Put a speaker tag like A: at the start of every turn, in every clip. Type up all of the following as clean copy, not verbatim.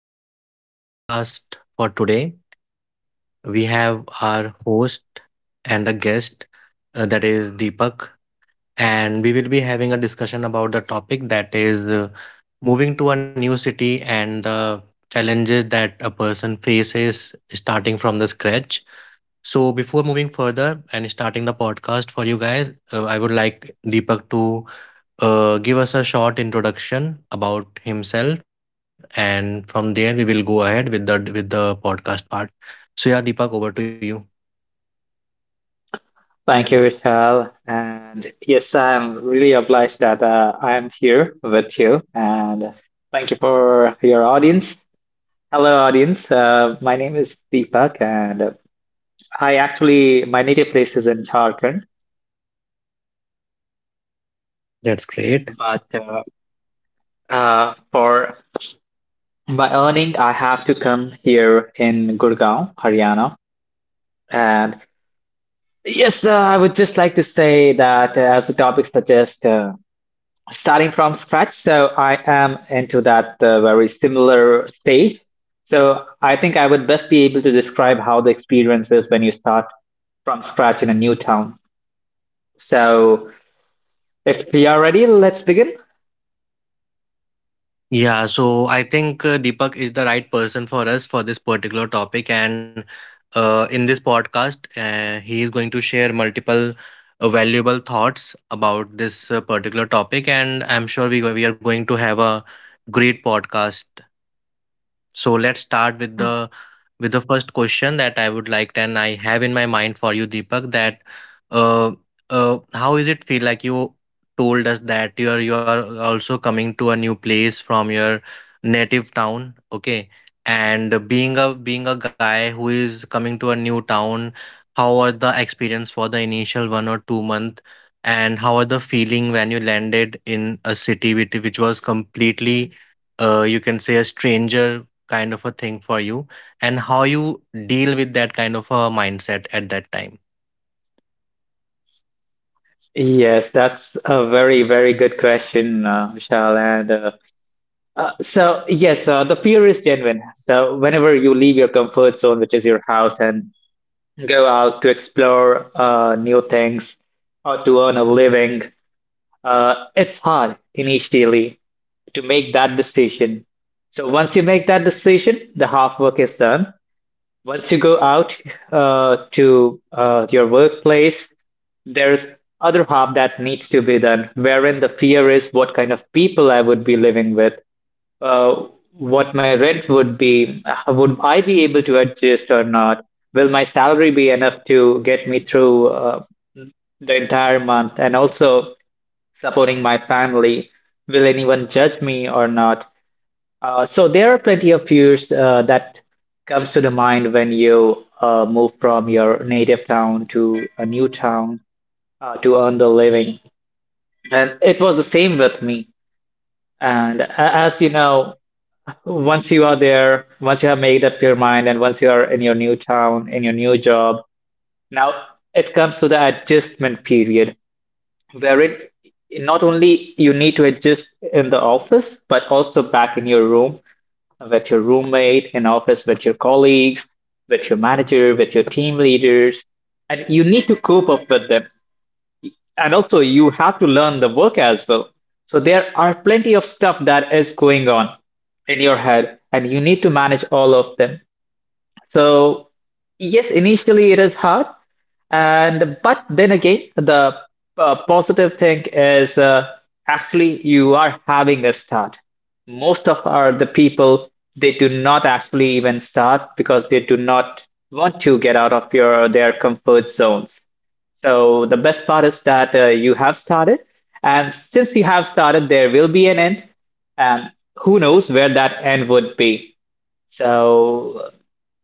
A: everyone, and welcome to the podcast for today. We have our host and the guest, that is Deepak, and we will be having a discussion about the topic that is moving to a new city and the challenges that a person faces starting from the scratch. So, before moving further and starting the podcast for you guys, I would like Deepak to give us a short introduction about himself, and from there we will go ahead with the podcast part. So, yeah, Deepak, over to you.
B: Thank you, Vishal. And yes, I'm really obliged that I am here with you. And thank you for your audience. Hello, audience. My name is Deepak, and I actually, my native place is in Jharkhand.
A: That's great.
B: But for my earning, I have to come here in Gurgaon, Haryana. And yes, I would just like to say that as the topic suggests, starting from scratch. So I am into that very similar stage. So I think I would best be able to describe how the experience is when you start from scratch in a new town. So if we are ready, let's begin.
A: Yeah, so I think Deepak is the right person for us for this particular topic. And in this podcast, he is going to share multiple valuable thoughts about this particular topic. And I'm sure we are going to have a great podcast. So let's start with the first question that I would like and I have in my mind for you, Deepak, that uh, how is it feel like you told us that you are also coming to a new place from your native town, okay? And being a being a guy who is coming to a new town, how are the experience for the initial 1 or 2 month, and how are the feeling when you landed in a city which was completely you can say a stranger kind of a thing for you, and how you deal with that kind of a mindset at that time.
B: Yes, that's a very, very good question, Vishal. Yes, the fear is genuine. So, whenever you leave your comfort zone, which is your house, and go out to explore new things or to earn a living, it's hard initially to make that decision. So once you make that decision, the half work is done. Once you go out to your workplace, there's other half that needs to be done, wherein the fear is what kind of people I would be living with, uh, what my rent would be, would I be able to adjust or not? Will my salary be enough to get me through the entire month? And also, supporting my family. Will anyone judge me or not? So there are plenty of fears that comes to the mind when you move from your native town to a new town to earn the living. And it was the same with me. And as you know, once you are there, once you have made up your mind, and once you are in your new town, in your new job, now it comes to the adjustment period, wherein not only you need to adjust in the office, but also back in your room with your roommate, in office with your colleagues, with your manager, with your team leaders, and you need to cope up with them. And also, you have to learn the work as well. So there are plenty of stuff that is going on in your head, and you need to manage all of them. So yes, initially it is hard, and but then again, the positive thing is actually you are having a start. Most of our the people they do not actually even start because they do not want to get out of your their comfort zones. So the best part is that you have started, and since you have started, there will be an end, and who knows where that end would be. So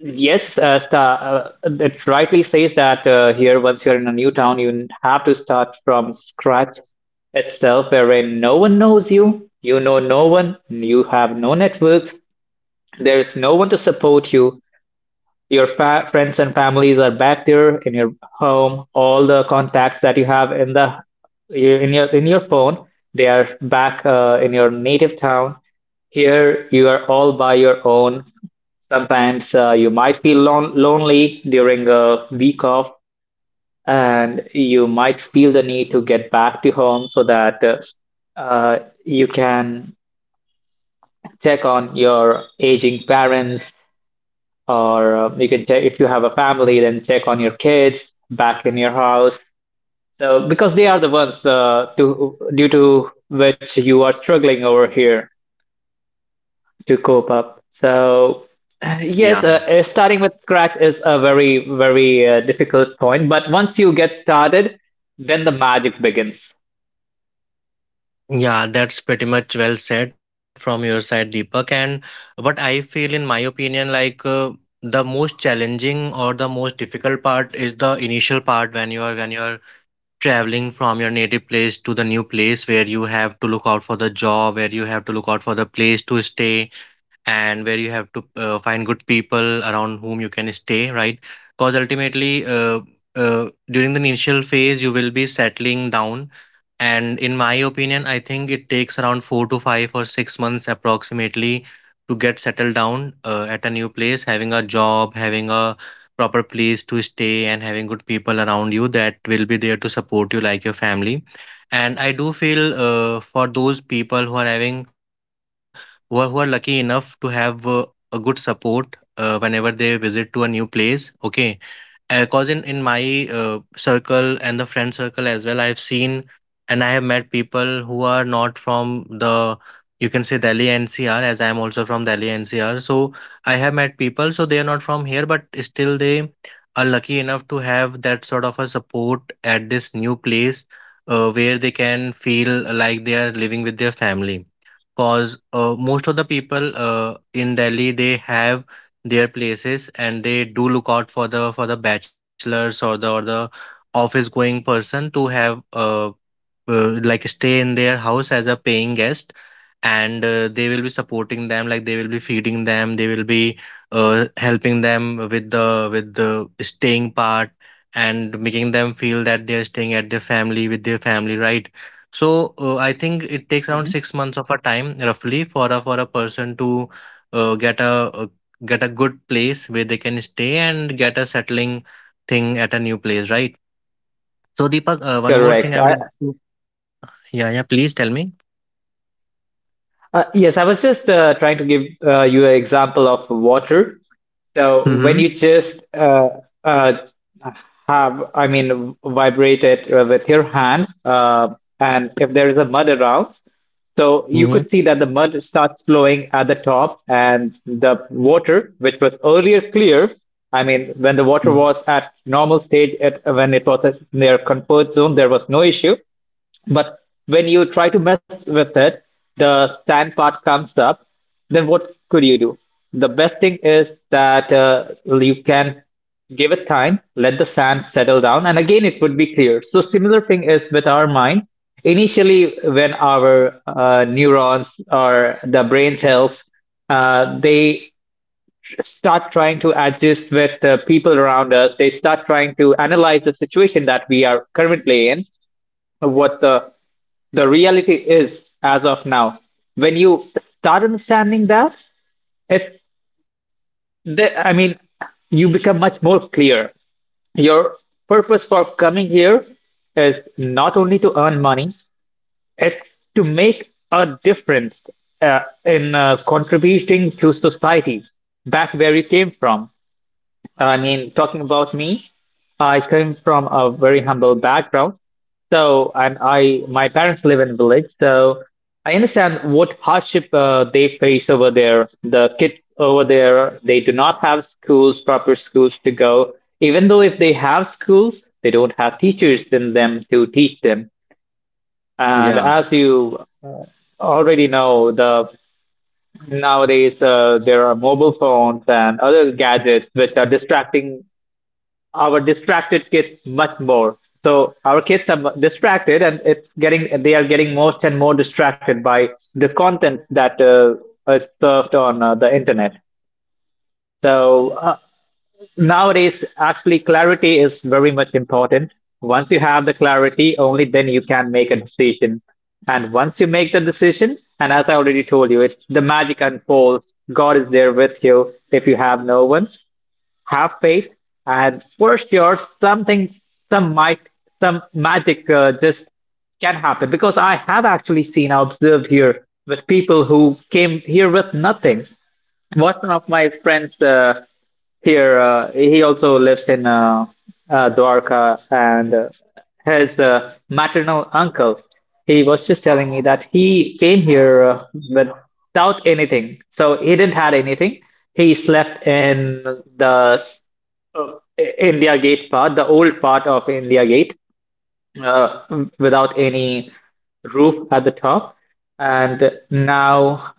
B: yes, it rightly says that here, once you're in a new town, you have to start from scratch itself, wherein no one knows you, you know no one, you have no networks, there is no one to support you. Your fa friends and families are back there in your home. All the contacts that you have in the your phone, they are back in your native town. Here, you are all by your own. Sometimes you might feel lonely during a week off, and you might feel the need to get back to home so that uh, you can check on your aging parents, or you can check if you have a family, then check on your kids back in your house. So, because they are the ones to due to which you are struggling over here to cope up. So, yes,
A: Yeah.
B: starting with scratch is a very, very difficult point, but once you get started, then the magic begins.
A: Yeah, that's pretty much well said from your side, Deepak. And what I feel, in my opinion, like the most challenging or the most difficult part is the initial part when you are traveling from your native place to the new place where you have to look out for the job, where you have to look out for the place to stay, and where you have to find good people around whom you can stay, right? Because ultimately, during the initial phase, you will be settling down, and in my opinion, I think it takes around 4 to 5 or 6 months approximately to get settled down at a new place, having a job, having a proper place to stay, and having good people around you that will be there to support you, like your family. And I do feel for those people who are having who are lucky enough to have a good support whenever they visit to a new place. Okay, because in my circle and the friend circle as well, I've seen and I have met people who are not from the you can say Delhi NCR, as I'm also from Delhi NCR. So I have met people, so they are not from here, but still they are lucky enough to have that sort of a support at this new place, where they can feel like they are living with their family. Cause most of the people in Delhi, they have their places, and they do look out for the bachelors or the office going person to have like stay in their house as a paying guest. And they will be supporting them, like they will be feeding them, they will be helping them with the staying part, and making them feel that they are staying at their family, with their family, right? So I think it takes around
B: Mhm.
A: 6 months of a time roughly for a person to uh, get a uh, get a good place where they can stay and get a settling thing at a new place, right? So Deepak, one more thing
B: Correct.
A: I would like to, yeah, yeah, please tell me.
B: Yes, I was just trying to give you an example of water. So when
A: Mm-hmm.
B: you just uh, vibrate it with your hand, and if there is a mud around, so you
A: Mm-hmm.
B: could see that the mud starts flowing at the top, and the water, which was earlier clear, I mean, when the water was at normal stage, when it was at their comfort zone, there was no issue. But when you try to mess with it, the sand part comes up. Then what could you do? The best thing is that you can give it time, let the sand settle down, and again it would be clear. So similar thing is with our mind. Initially, when our neurons or the brain cells, they start trying to adjust with the people around us. They start trying to analyze the situation that we are currently in, what the reality is, as of now, when you start understanding that, it, the, I mean, you become much more clear. Your purpose for coming here is not only to earn money, it's to make a difference in contributing to society back where you came from. I mean, talking about me, I came from a very humble background. My parents live in a village, so I understand what hardship they face over there. The kids over there, they do not have schools, proper schools to go. Even though if they have schools, they don't have teachers in them to teach them. And as
A: Yeah.
B: you already know, the nowadays there are mobile phones and other gadgets which are distracting our distracted kids much more. So our kids are distracted, and it's getting they are getting more and more distracted by the content that is served on the internet. So uh, Nowadays, actually, clarity is very much important. Once you have the clarity, only then you can make a decision. And once you make the decision, and as I already told you, it's the magic unfolds. God is there with you if you have no one, have faith, and for sure some might, some magic just can happen, because I have actually seen, I observed here with people who came here with nothing. What one of my friends he also lives in Dwarka, and his maternal uncle, he was just telling me that he came here without anything. So he didn't had anything. He slept in the uh, India Gate part, the old part of India Gate, uh, without any roof at the top. And now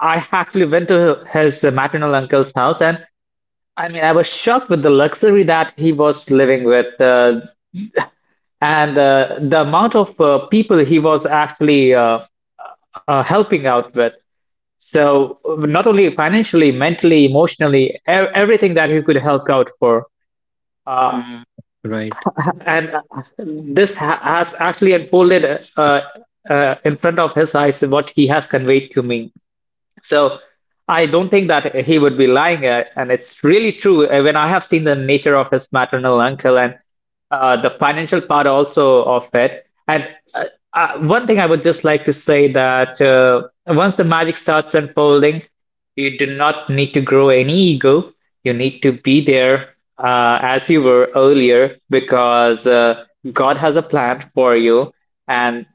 B: I actually went to his maternal uncle's house, and I mean, I was shocked with the luxury that he was living with, and the amount of people he was actually helping out with. So, not only financially, mentally, emotionally, e everything that he could help out for. Uh,
A: Mm. Right.
B: and This ha has actually unfolded uh, in front of his eyes what he has conveyed to me. So I don't think that he would be lying, and it's really true. When I have seen the nature of his maternal uncle and the financial part also of it, and uh, one thing I would just like to say that once the magic starts unfolding, you do not need to grow any ego. You need to be there as you were earlier, because God has a plan for you, and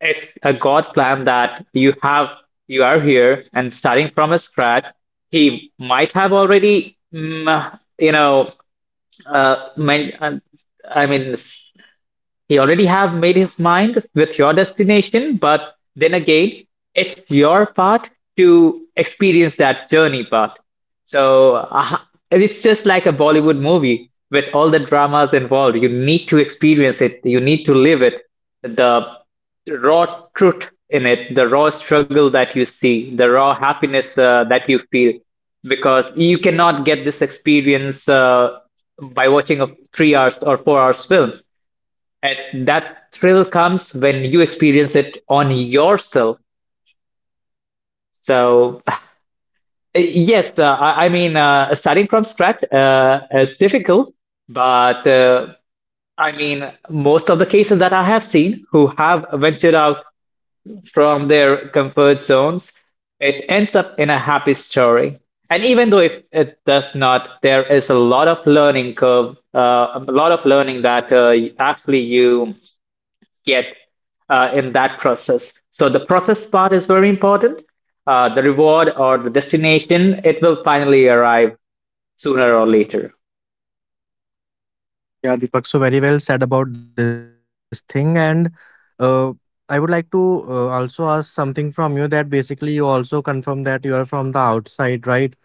B: it's a God plan that you are here and starting from a scratch. He might have already, you know, uh, men, uh, I mean, he already have made his mind with your destination, but then again, it's your part to experience that journey part. So uh, it's just like a Bollywood movie with all the dramas involved. You need to experience it. You need to live it. The raw truth in it, the raw struggle that you see, the raw happiness that you feel, because you cannot get this experience by watching a 3 hours or 4 hours film. And that thrill comes when you experience it on yourself. So, yes, starting from scratch is difficult, but most of the cases that I have seen who have ventured out from their comfort zones, it ends up in a happy story. And even though if it does not, there is a lot of learning curve, a lot of learning that actually you get in that process. So the process part is very important. The reward or the destination, it will finally arrive sooner or later.
A: Yeah, Deepak, so very well said about this thing. And uh, I would like to also ask something from you, that basically you also confirm that you are from the outside, right?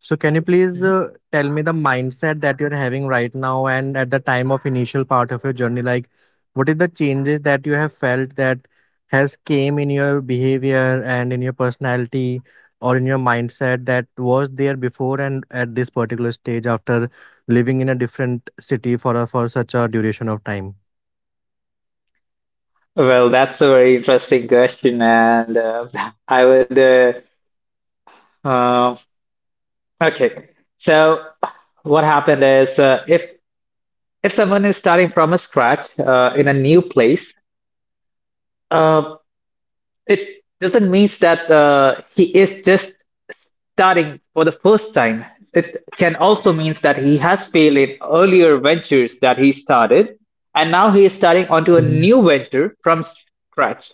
A: So can you please
B: Mhm.
A: tell me the mindset that you're having right now and at the time of initial part of your journey, like what is the changes that you have felt that has came in your behavior and in your personality or in your mindset that was there before and at this particular stage after living in a different city for for such a duration of time.
B: Well, that's a very interesting question, and I would. Um okay, so what happened is if someone is starting from a scratch in a new place, uh, it doesn't mean that he is just starting for the first time. It can also mean that he has failed in earlier ventures that he started, and now he is starting onto a new
A: Mhm.
B: venture from scratch.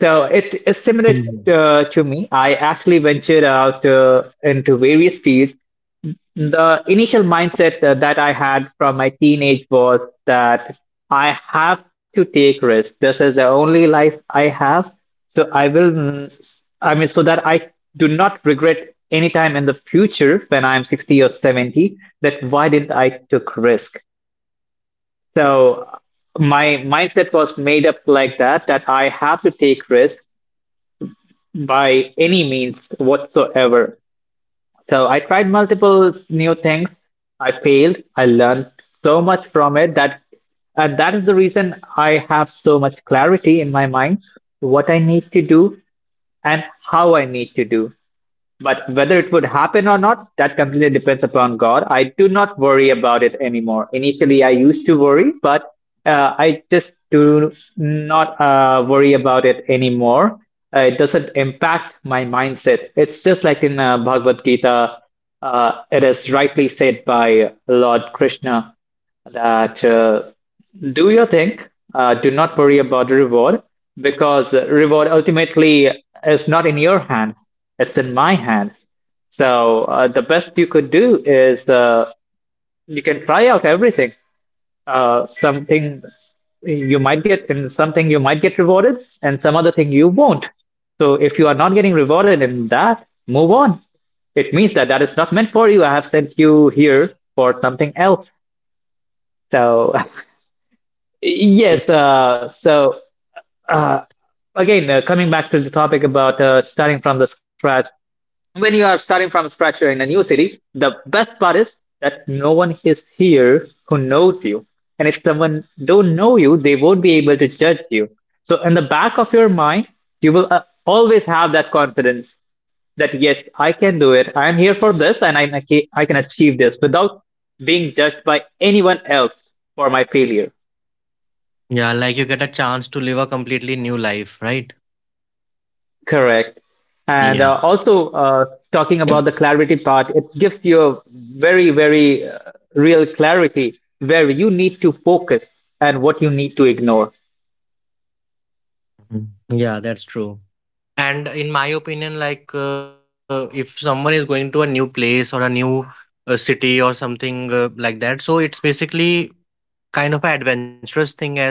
B: So it is similar
A: Mhm.
B: to me. I actually ventured out into various fields. The initial mindset that I had from my teenage was that I have to take risks. This is the only life I have, so I mean, so that I do not regret any time in the future when I'm 60 or 70, that why didn't I took risk? So my mindset was made up like that, that I have to take risks by any means whatsoever. So I tried multiple new things. I failed. I learned so much from it that, and that is the reason I have so much clarity in my mind what I need to do and how I need to do. But whether it would happen or not, that completely depends upon God. I do not worry about it anymore. Initially, I used to worry, but I just do not worry about it anymore. It doesn't impact my mindset. It's just like in Bhagavad Gita, it is rightly said by Lord Krishna that do your thing. Do not worry about the reward because the reward ultimately is not in your hands. It's in my hands. So the best you could do is you can try out everything. Something you might get, and something you might get rewarded, and some other thing you won't. So if you are not getting rewarded in that, move on. It means that that is not meant for you. I have sent you here for something else. So yes, so uh, again, coming back to the topic about starting from the scratch, when you are starting from scratch in a new city, the best part is that no one is here who knows you. And if someone don't know you, they won't be able to judge you. So in the back of your mind, you will always have that confidence that yes, I can do it. I'm here for this, and I can achieve this without being judged by anyone else for my failure.
A: Yeah, like you get a chance to live a completely new life, right?
B: Correct. And
A: Yeah.
B: also, talking about the clarity part, it gives you a very, very real clarity where you need to focus and what you need to ignore.
A: Mhm. Yeah, that's true. And in my opinion, like if someone is going to a new place or a new city or something like that, so it's basically kind of an adventurous thing as well.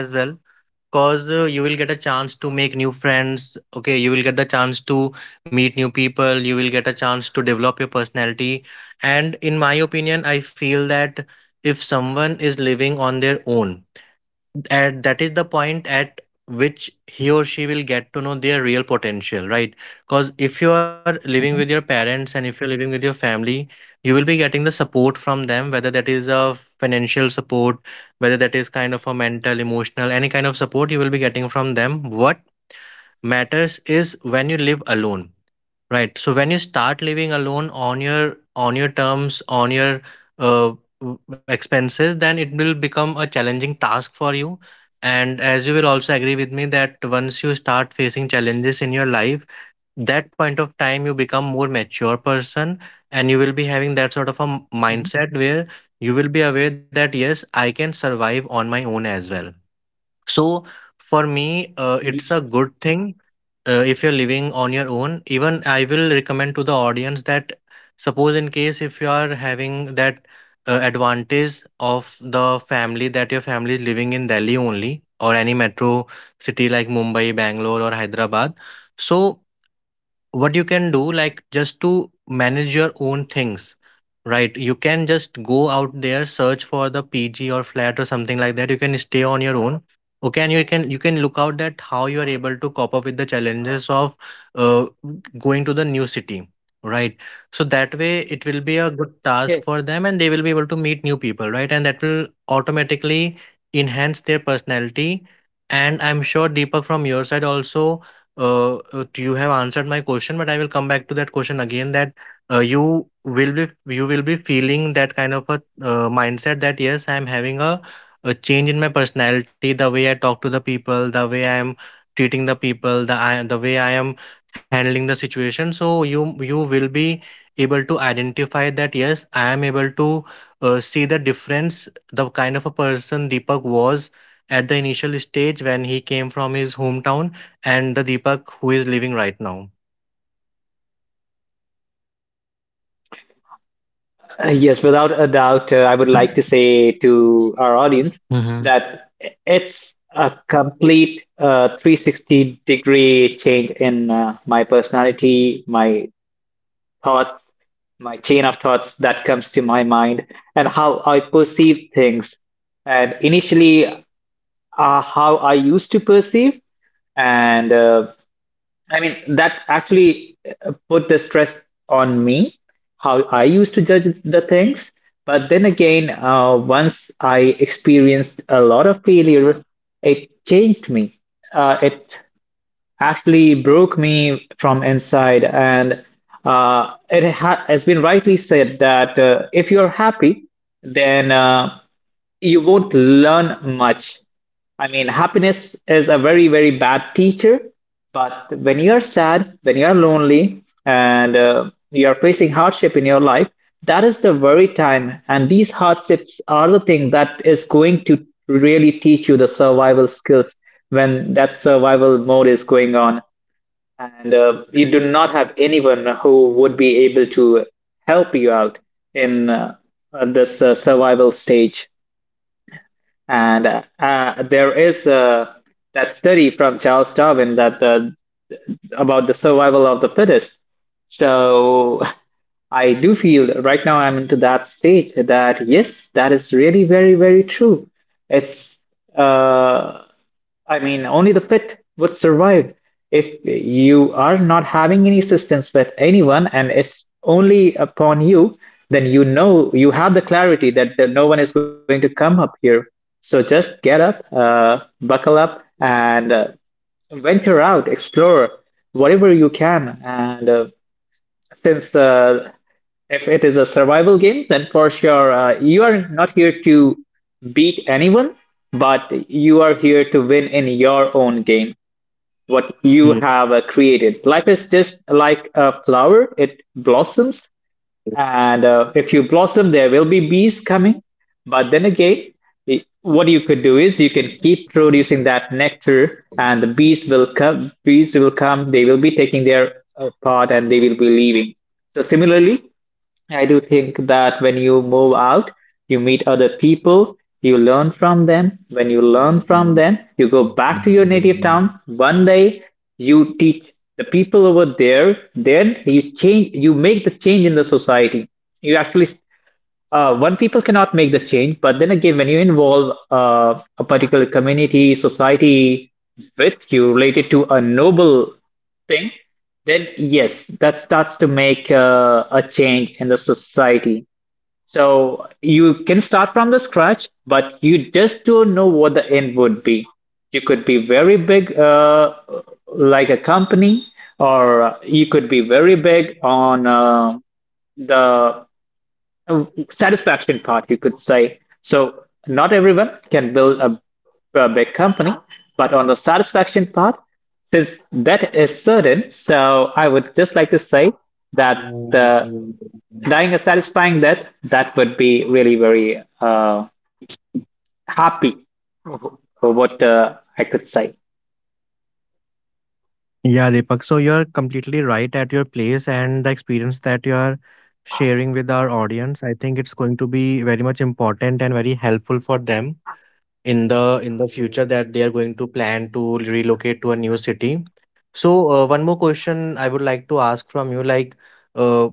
A: Cause you will get a chance to make new friends. Okay, you will get the chance to meet new people. You will get a chance to develop your personality. And in my opinion, I feel that if someone is living on their own, and that is the point at which he or she will get to know their real potential, right? Because if you are living with your
B: Mhm,
A: parents, and if you're living with your family, you will be getting the support from them, whether that is a financial support, whether that is kind of a mental, emotional, any kind of support, you will be getting from them. What matters is when you live alone. Right. So when you start living alone on your terms, on your uh, expenses, then it will become a challenging task for you. And as you will also agree with me, that once you start facing challenges in your life, that point of time you become more mature person, and you will be having that sort of a
B: mhm.
A: mindset where you will be aware that yes, I can survive on my own as well. So for me, it's a good thing, if you're living on your own, even I will recommend to the audience that suppose, in case if you are having that advantage of the family that your family is living in Delhi only or any metro city like Mumbai, Bangalore, or Hyderabad, so what you can do, like just to manage your own things, right, you can just go out there, search for the PG or flat or something like that. You can stay on your own, okay, and you can, you can look out that how you are able to cope up with the challenges of uh, going to the new city, right? So that way, it will be a good task
B: Yes.
A: for them, and they will be able to meet new people, right? And that will automatically enhance their personality. And I'm sure, Deepak, from your side also, you have answered my question, but I will come back to that question again, that you will be feeling that kind of a mindset that yes, I am having a change in my personality, the way I talk to the people, the way I am treating the people, the way I am handling the situation. So you will be able to identify that yes, I am able to see the difference, the kind of a person Deepak was at the initial stage when he came from his hometown, and the Deepak who is living right now.
B: Yes, without a doubt, I would like to say to our audience
A: Mm-hmm.
B: that it's a complete 360-degree change in my personality, my thoughts, my chain of thoughts that comes to my mind, and how I perceive things. And initially, how I used to perceive. And I mean, that actually put the stress on me, how I used to judge the things. But then again, once I experienced a lot of failure, it changed me. It actually broke me from inside. And it ha has been rightly said that if you're happy, then you won't learn much. I mean, happiness is a very, very bad teacher, but when you're sad, when you're lonely, and you're facing hardship in your life, that is the very time. And these hardships are the thing that is going to really teach you the survival skills when that survival mode is going on, and you do not have anyone who would be able to help you out in this survival stage. And there is that study from Charles Darwin that about the survival of the fittest. So I do feel right now I'm into that stage that yes, that is really very, very true. It's uh, I mean, only the fit would survive. If you are not having any assistance with anyone and it's only upon you, then you know you have the clarity that, no one is going to come up here. So just get up, buckle up, and venture out, explore whatever you can. And since the if it is a survival game, then for sure you are not here to beat anyone, but you are here to win in your own game, what you
A: Hmm.
B: have created. Life is just like a flower, it blossoms, and if you blossom, there will be bees coming. But then again, what you could do is you can keep producing that nectar, and the bees will come. Bees will come. They will be taking their part, and they will be leaving. So similarly, I do think that when you move out, you meet other people, you learn from them. When you learn from them, you go back to your native town. One day, you teach the people over there. Then you change, you make the change in the society. You actually one people cannot make the change, but then again, when you involve a particular community, society with you related to a noble thing, then yes, that starts to make a change in the society. So you can start from the scratch, but you just don't know what the end would be. You could be very big, like a company, or you could be very big on the a satisfaction part, you could say. So not everyone can build a big company, but on the satisfaction part, since that is certain, so I would just like to say that dying a satisfying death, that would be really very happy for what I could say.
A: Yeah, Deepak. So you're completely right at your place, and the experience that you're sharing with our audience, I think it's going to be very much important and very helpful for them in the in the future, that they are going to plan to relocate to a new city. So one more question I would like to ask from you, like uh,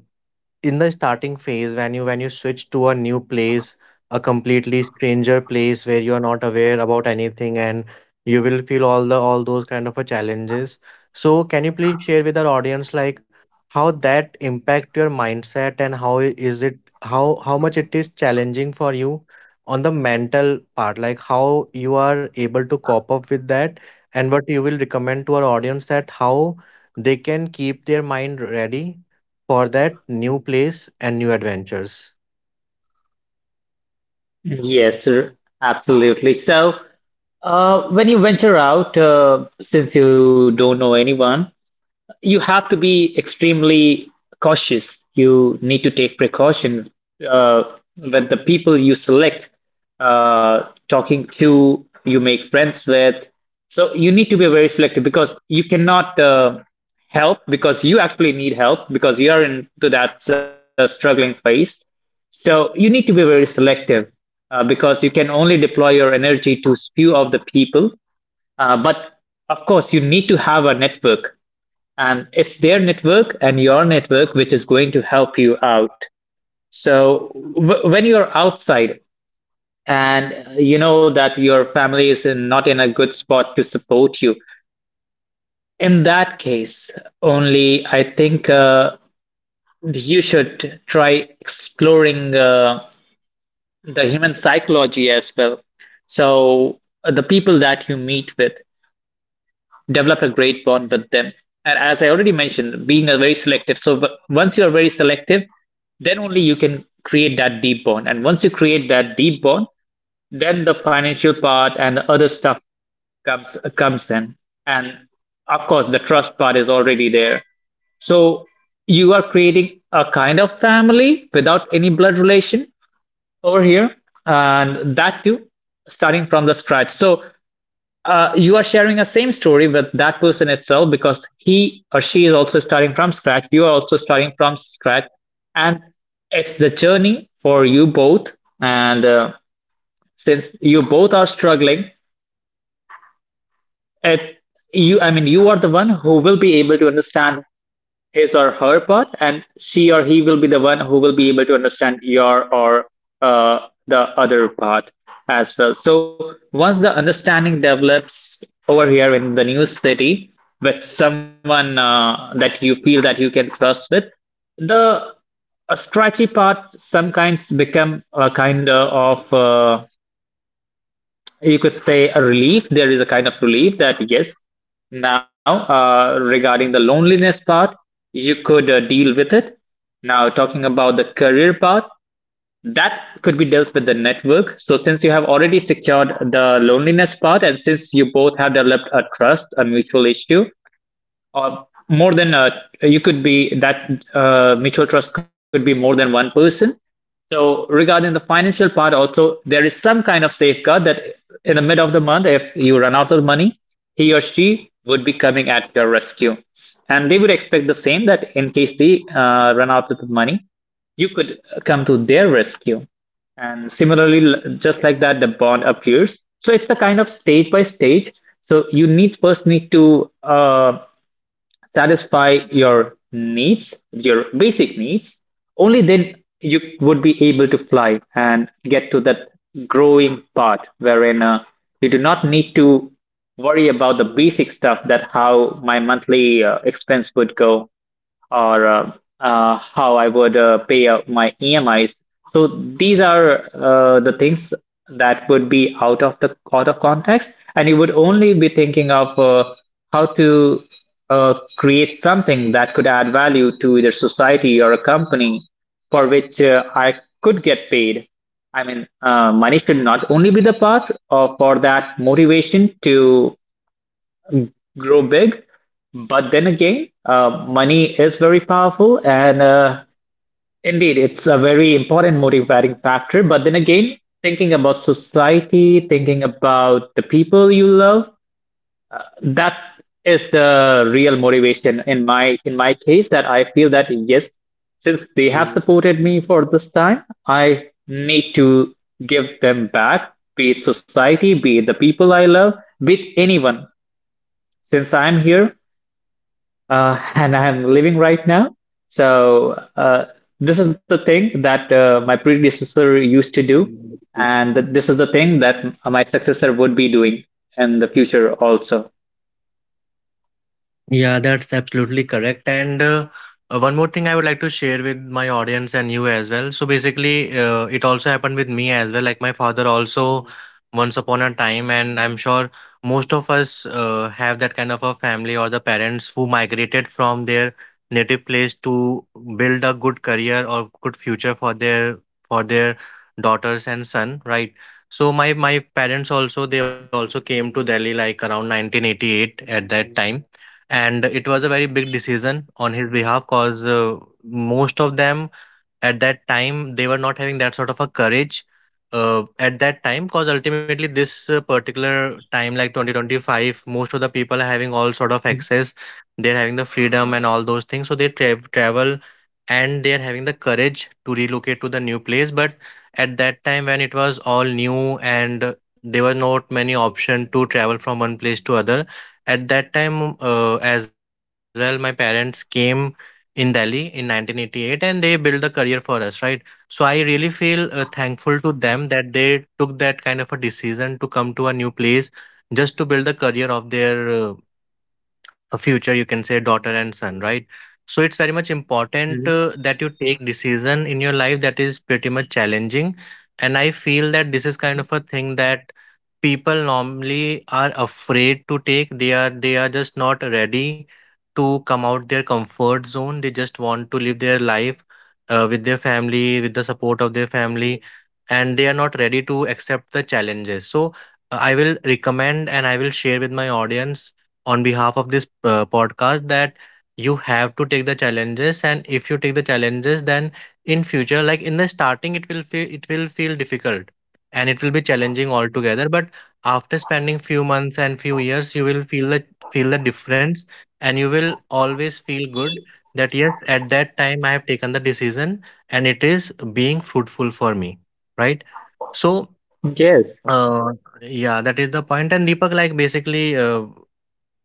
A: in the starting phase when you switch to a new place, a completely stranger place where you are not aware about anything, and you will feel all the all those kind of a challenges. So can you please share with our audience, like how that impact your mindset, and is it how much it is challenging for you on the mental part, like how you are able to cope up with that, and what you will recommend to our audience, that how they can keep their mind ready for that new place and new adventures.
B: Yes, sir, absolutely. So, when you venture out, since you don't know anyone, you have to be extremely cautious. You need to take precaution uh, with the people you select, uh, talking to, you make friends with. So you need to be very selective because you cannot help, because you actually need help because you are into that struggling phase. So you need to be very selective because you can only deploy your energy to few of the people. But of course, you need to have a network, and it's their network and your network which is going to help you out. So when you're outside and you know that your family is in, not in a good spot to support you, in that case only I think you should try exploring the human psychology as well. So the people that you meet with, developed a great bond with them. And as I already mentioned, being a very selective. So but once you are very selective, then only you can create that deep bond. And once you create that deep bond, then the financial part and the other stuff comes in. And of course, the trust part is already there. So you are creating a kind of family without any blood relation over here, and that too starting from the scratch. So you are sharing a same story with that person itself because he or she is also starting from scratch. You are also starting from scratch, and it's the journey for you both. And since you both are struggling, it you I mean you are the one who will be able to understand his or her part, and she or he will be the one who will be able to understand your or the other part as well. So once the understanding develops over here in the new city with someone that you feel that you can trust with, the a scratchy part some kinds become a kind of you could say a relief. There is a kind of relief that yes, now regarding the loneliness part, you could deal with it. Now talking about the career part, that could be dealt with the network. So since you have already secured the loneliness part and since you both have developed a trust, a mutual issue uh, more than you could be that mutual trust could be more than one person. So regarding the financial part, also there is some kind of safeguard that in the mid of the month, if you run out of money, he or she would be coming at your rescue, and they would expect the same that in case they run out of money, you could come to their rescue. And similarly, just like that, the bond appears. So it's the kind of stage by stage. So you need first need to satisfy your needs, your basic needs, only then you would be able to fly and get to that growing part wherein you do not need to worry about the basic stuff that how my monthly expense would go or how I would pay out my EMIs. So these are the things that would be out of the out of context, and you would only be thinking of how to create something that could add value to either society or a company for which I could get paid. I mean, money should not only be the path or for that motivation to grow big. But then again, money is very powerful, and indeed, it's a very important motivating factor. But then again, thinking about society, thinking about the people you love, uh, that is the real motivation in my case. That I feel that yes, since they have supported me for this time, I need to give them back, be it society, be it the people I love, be it anyone. Since I'm here, and I'm living right now. So this is the thing that my predecessor used to do, and this is the thing that my successor would be doing in the future also.
A: Yeah, that's absolutely correct. And one more thing I would like to share with my audience and you as well. So basically, it also happened with me as well. Like my father also once upon a time, and I'm sure most of us have that kind of a family or the parents who migrated from their native place to build a good career or good future for their daughters and son, right? So my parents also, they also came to Delhi like around 1988 at that time, and it was a very big decision on his behalf because, most of them at that time they were not having that sort of a courage at that time, because ultimately this particular time like 2025, most of the people are having all sort
B: Mm.
A: of access, they're having the freedom and all those things, so they travel and they're having the courage to relocate to the new place. But at that time when it was all new and there were not many option to travel from one place to other at that time, as well my parents came in Delhi in 1988 and they built the career for us, right? So I really feel thankful to them that they took that kind of a decision to come to a new place just to build the career of their a future, you can say, daughter and son, right? So it's very much important
B: Mhm.
A: that you take decision in your life that is pretty much challenging. And I feel that this is kind
B: Mhm.
A: of a thing that people normally are afraid to take. They are they are just not ready to come out their comfort zone. They just want to live their life with their family, with the support of their family, and they are not ready to accept the challenges. So I will recommend and I will share with my audience on behalf of this podcast that you have to take the challenges. And if you take the challenges, then in future, like in the starting, it will feel difficult and it will be challenging altogether. But after spending few months and few years, you will feel the difference, and you will always feel good that yes, at that time I have taken the decision and it is being fruitful for me, right? So
B: Yes.
A: uh, yeah, that is the point. And Deepak, like, basically, uh,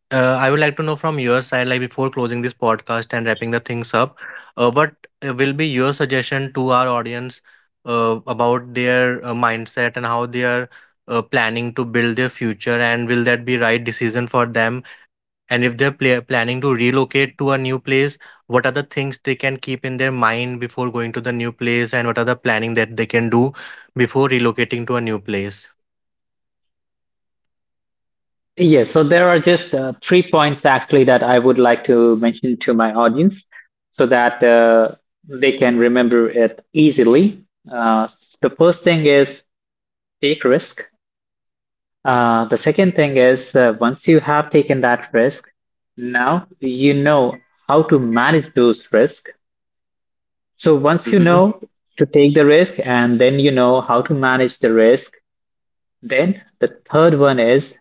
A: uh, I would like to know from your side, like before closing this podcast and wrapping the things up, what will be your suggestion to our audience about their mindset and how they are planning to build their future, and will that be right decision for them? And if they're planning to relocate to a new place, what are the things they can keep in their mind before going to the new place, and what are the planning that they can do before relocating to a new place?
B: Yes, so there are just three points actually that I would like to mention to my audience so that they can remember it easily. The first thing is take risk. The second thing is once you have taken that risk, now you know how to manage those risks. So once you know to take the risk and then you know how to manage the risk, then the third one is: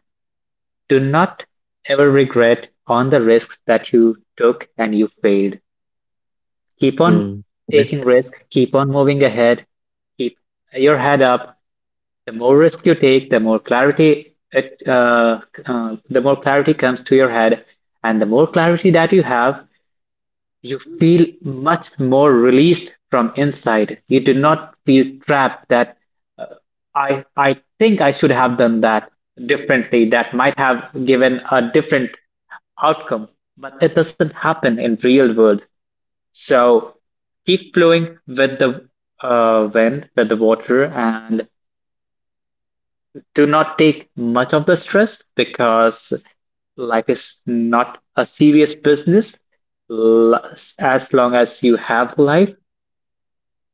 B: do not ever regret on the risks that you took and you failed. Keep on
A: Mm-hmm.
B: taking risk, keep on moving ahead, keep your head up. The more risk you take, the more clarity comes to your head, and the more clarity that you have, you feel much more released from inside. You do not feel trapped that uh, I think I should have done that differently. That might have given a different outcome, but it doesn't happen in real world. So keep flowing with the wind, with the water, and do not take much of the stress because life is not a serious business. As long as you have life,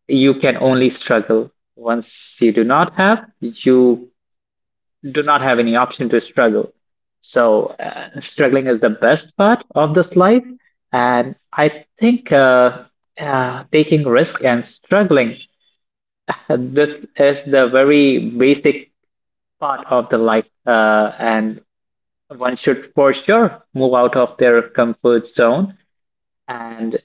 B: you can only struggle. Once you do not have, you do not have any option to struggle. So struggling is the best part of this life, and I think taking risk and struggling, this is the very basic part of the life, and one should for sure move out of their comfort zone and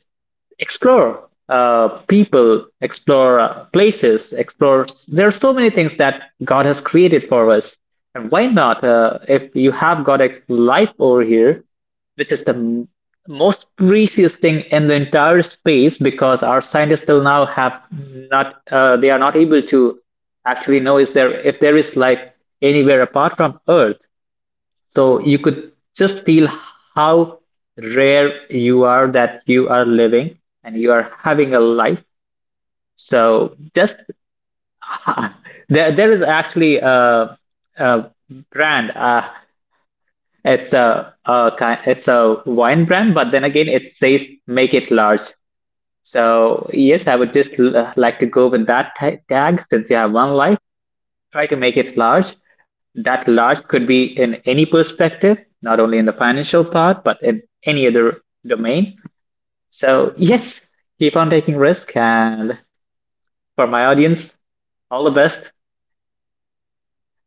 B: explore people, explore places, explore. There are so many things that God has created for us. And why not? If you have got a life over here, which is the most precious thing in the entire space, because our scientists till now have not, they are not able to actually know is there if there is life anywhere apart from Earth. So you could just feel how rare you are that you are living and you are having a life. So just there is actually a brand. It's it's a wine brand, but then again, it says make it large. So yes, I would just like to go with that tag since you have one life. Try to make it large. That large could be in any perspective, not only in the financial part, but in any other domain. So, yes, keep on taking risk. And for my audience, all the best.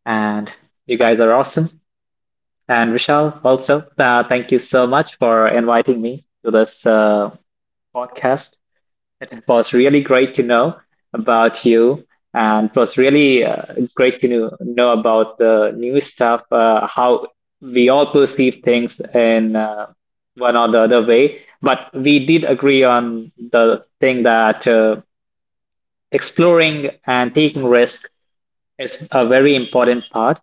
B: And you guys are awesome. And Vishal, also, thank you so much for inviting me to this podcast. It was really great to know about you, and it was really great to know about the new stuff, how we all perceive things in one or the other way. But we did agree on the thing that exploring and taking risk is a very important part.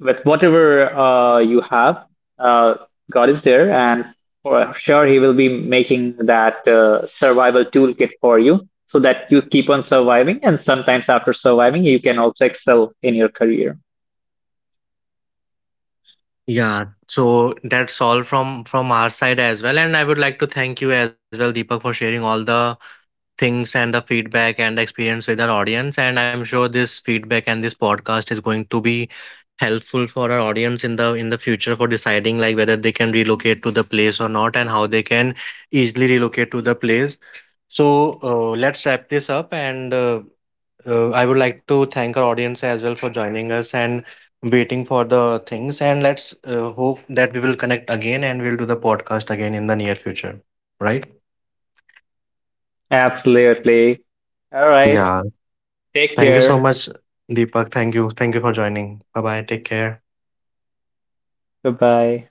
B: With whatever you have, uh, God is there, and for sure He will be making that survival toolkit for you so that you keep on surviving. And sometimes after surviving, you can also excel in your career.
A: Yeah, so that's all from our side as well. And I would like to thank you as well, Deepak, for sharing all the things and the feedback and the experience with our audience. And I'm sure this feedback and this podcast is going to be helpful for our audience in the future for deciding like whether they can relocate to the place or not and how they can easily relocate to the place. So let's wrap this up, and I would like to thank our audience as well for joining us and waiting for the things. And let's hope that we will connect again and we'll do the podcast again in the near future, right?
B: Absolutely. All
A: Yeah.
B: right. Take
A: Thank you
B: care.
A: so much, Deepak. Thank you. Thank you for joining. Bye bye. Take care.
B: Bye bye.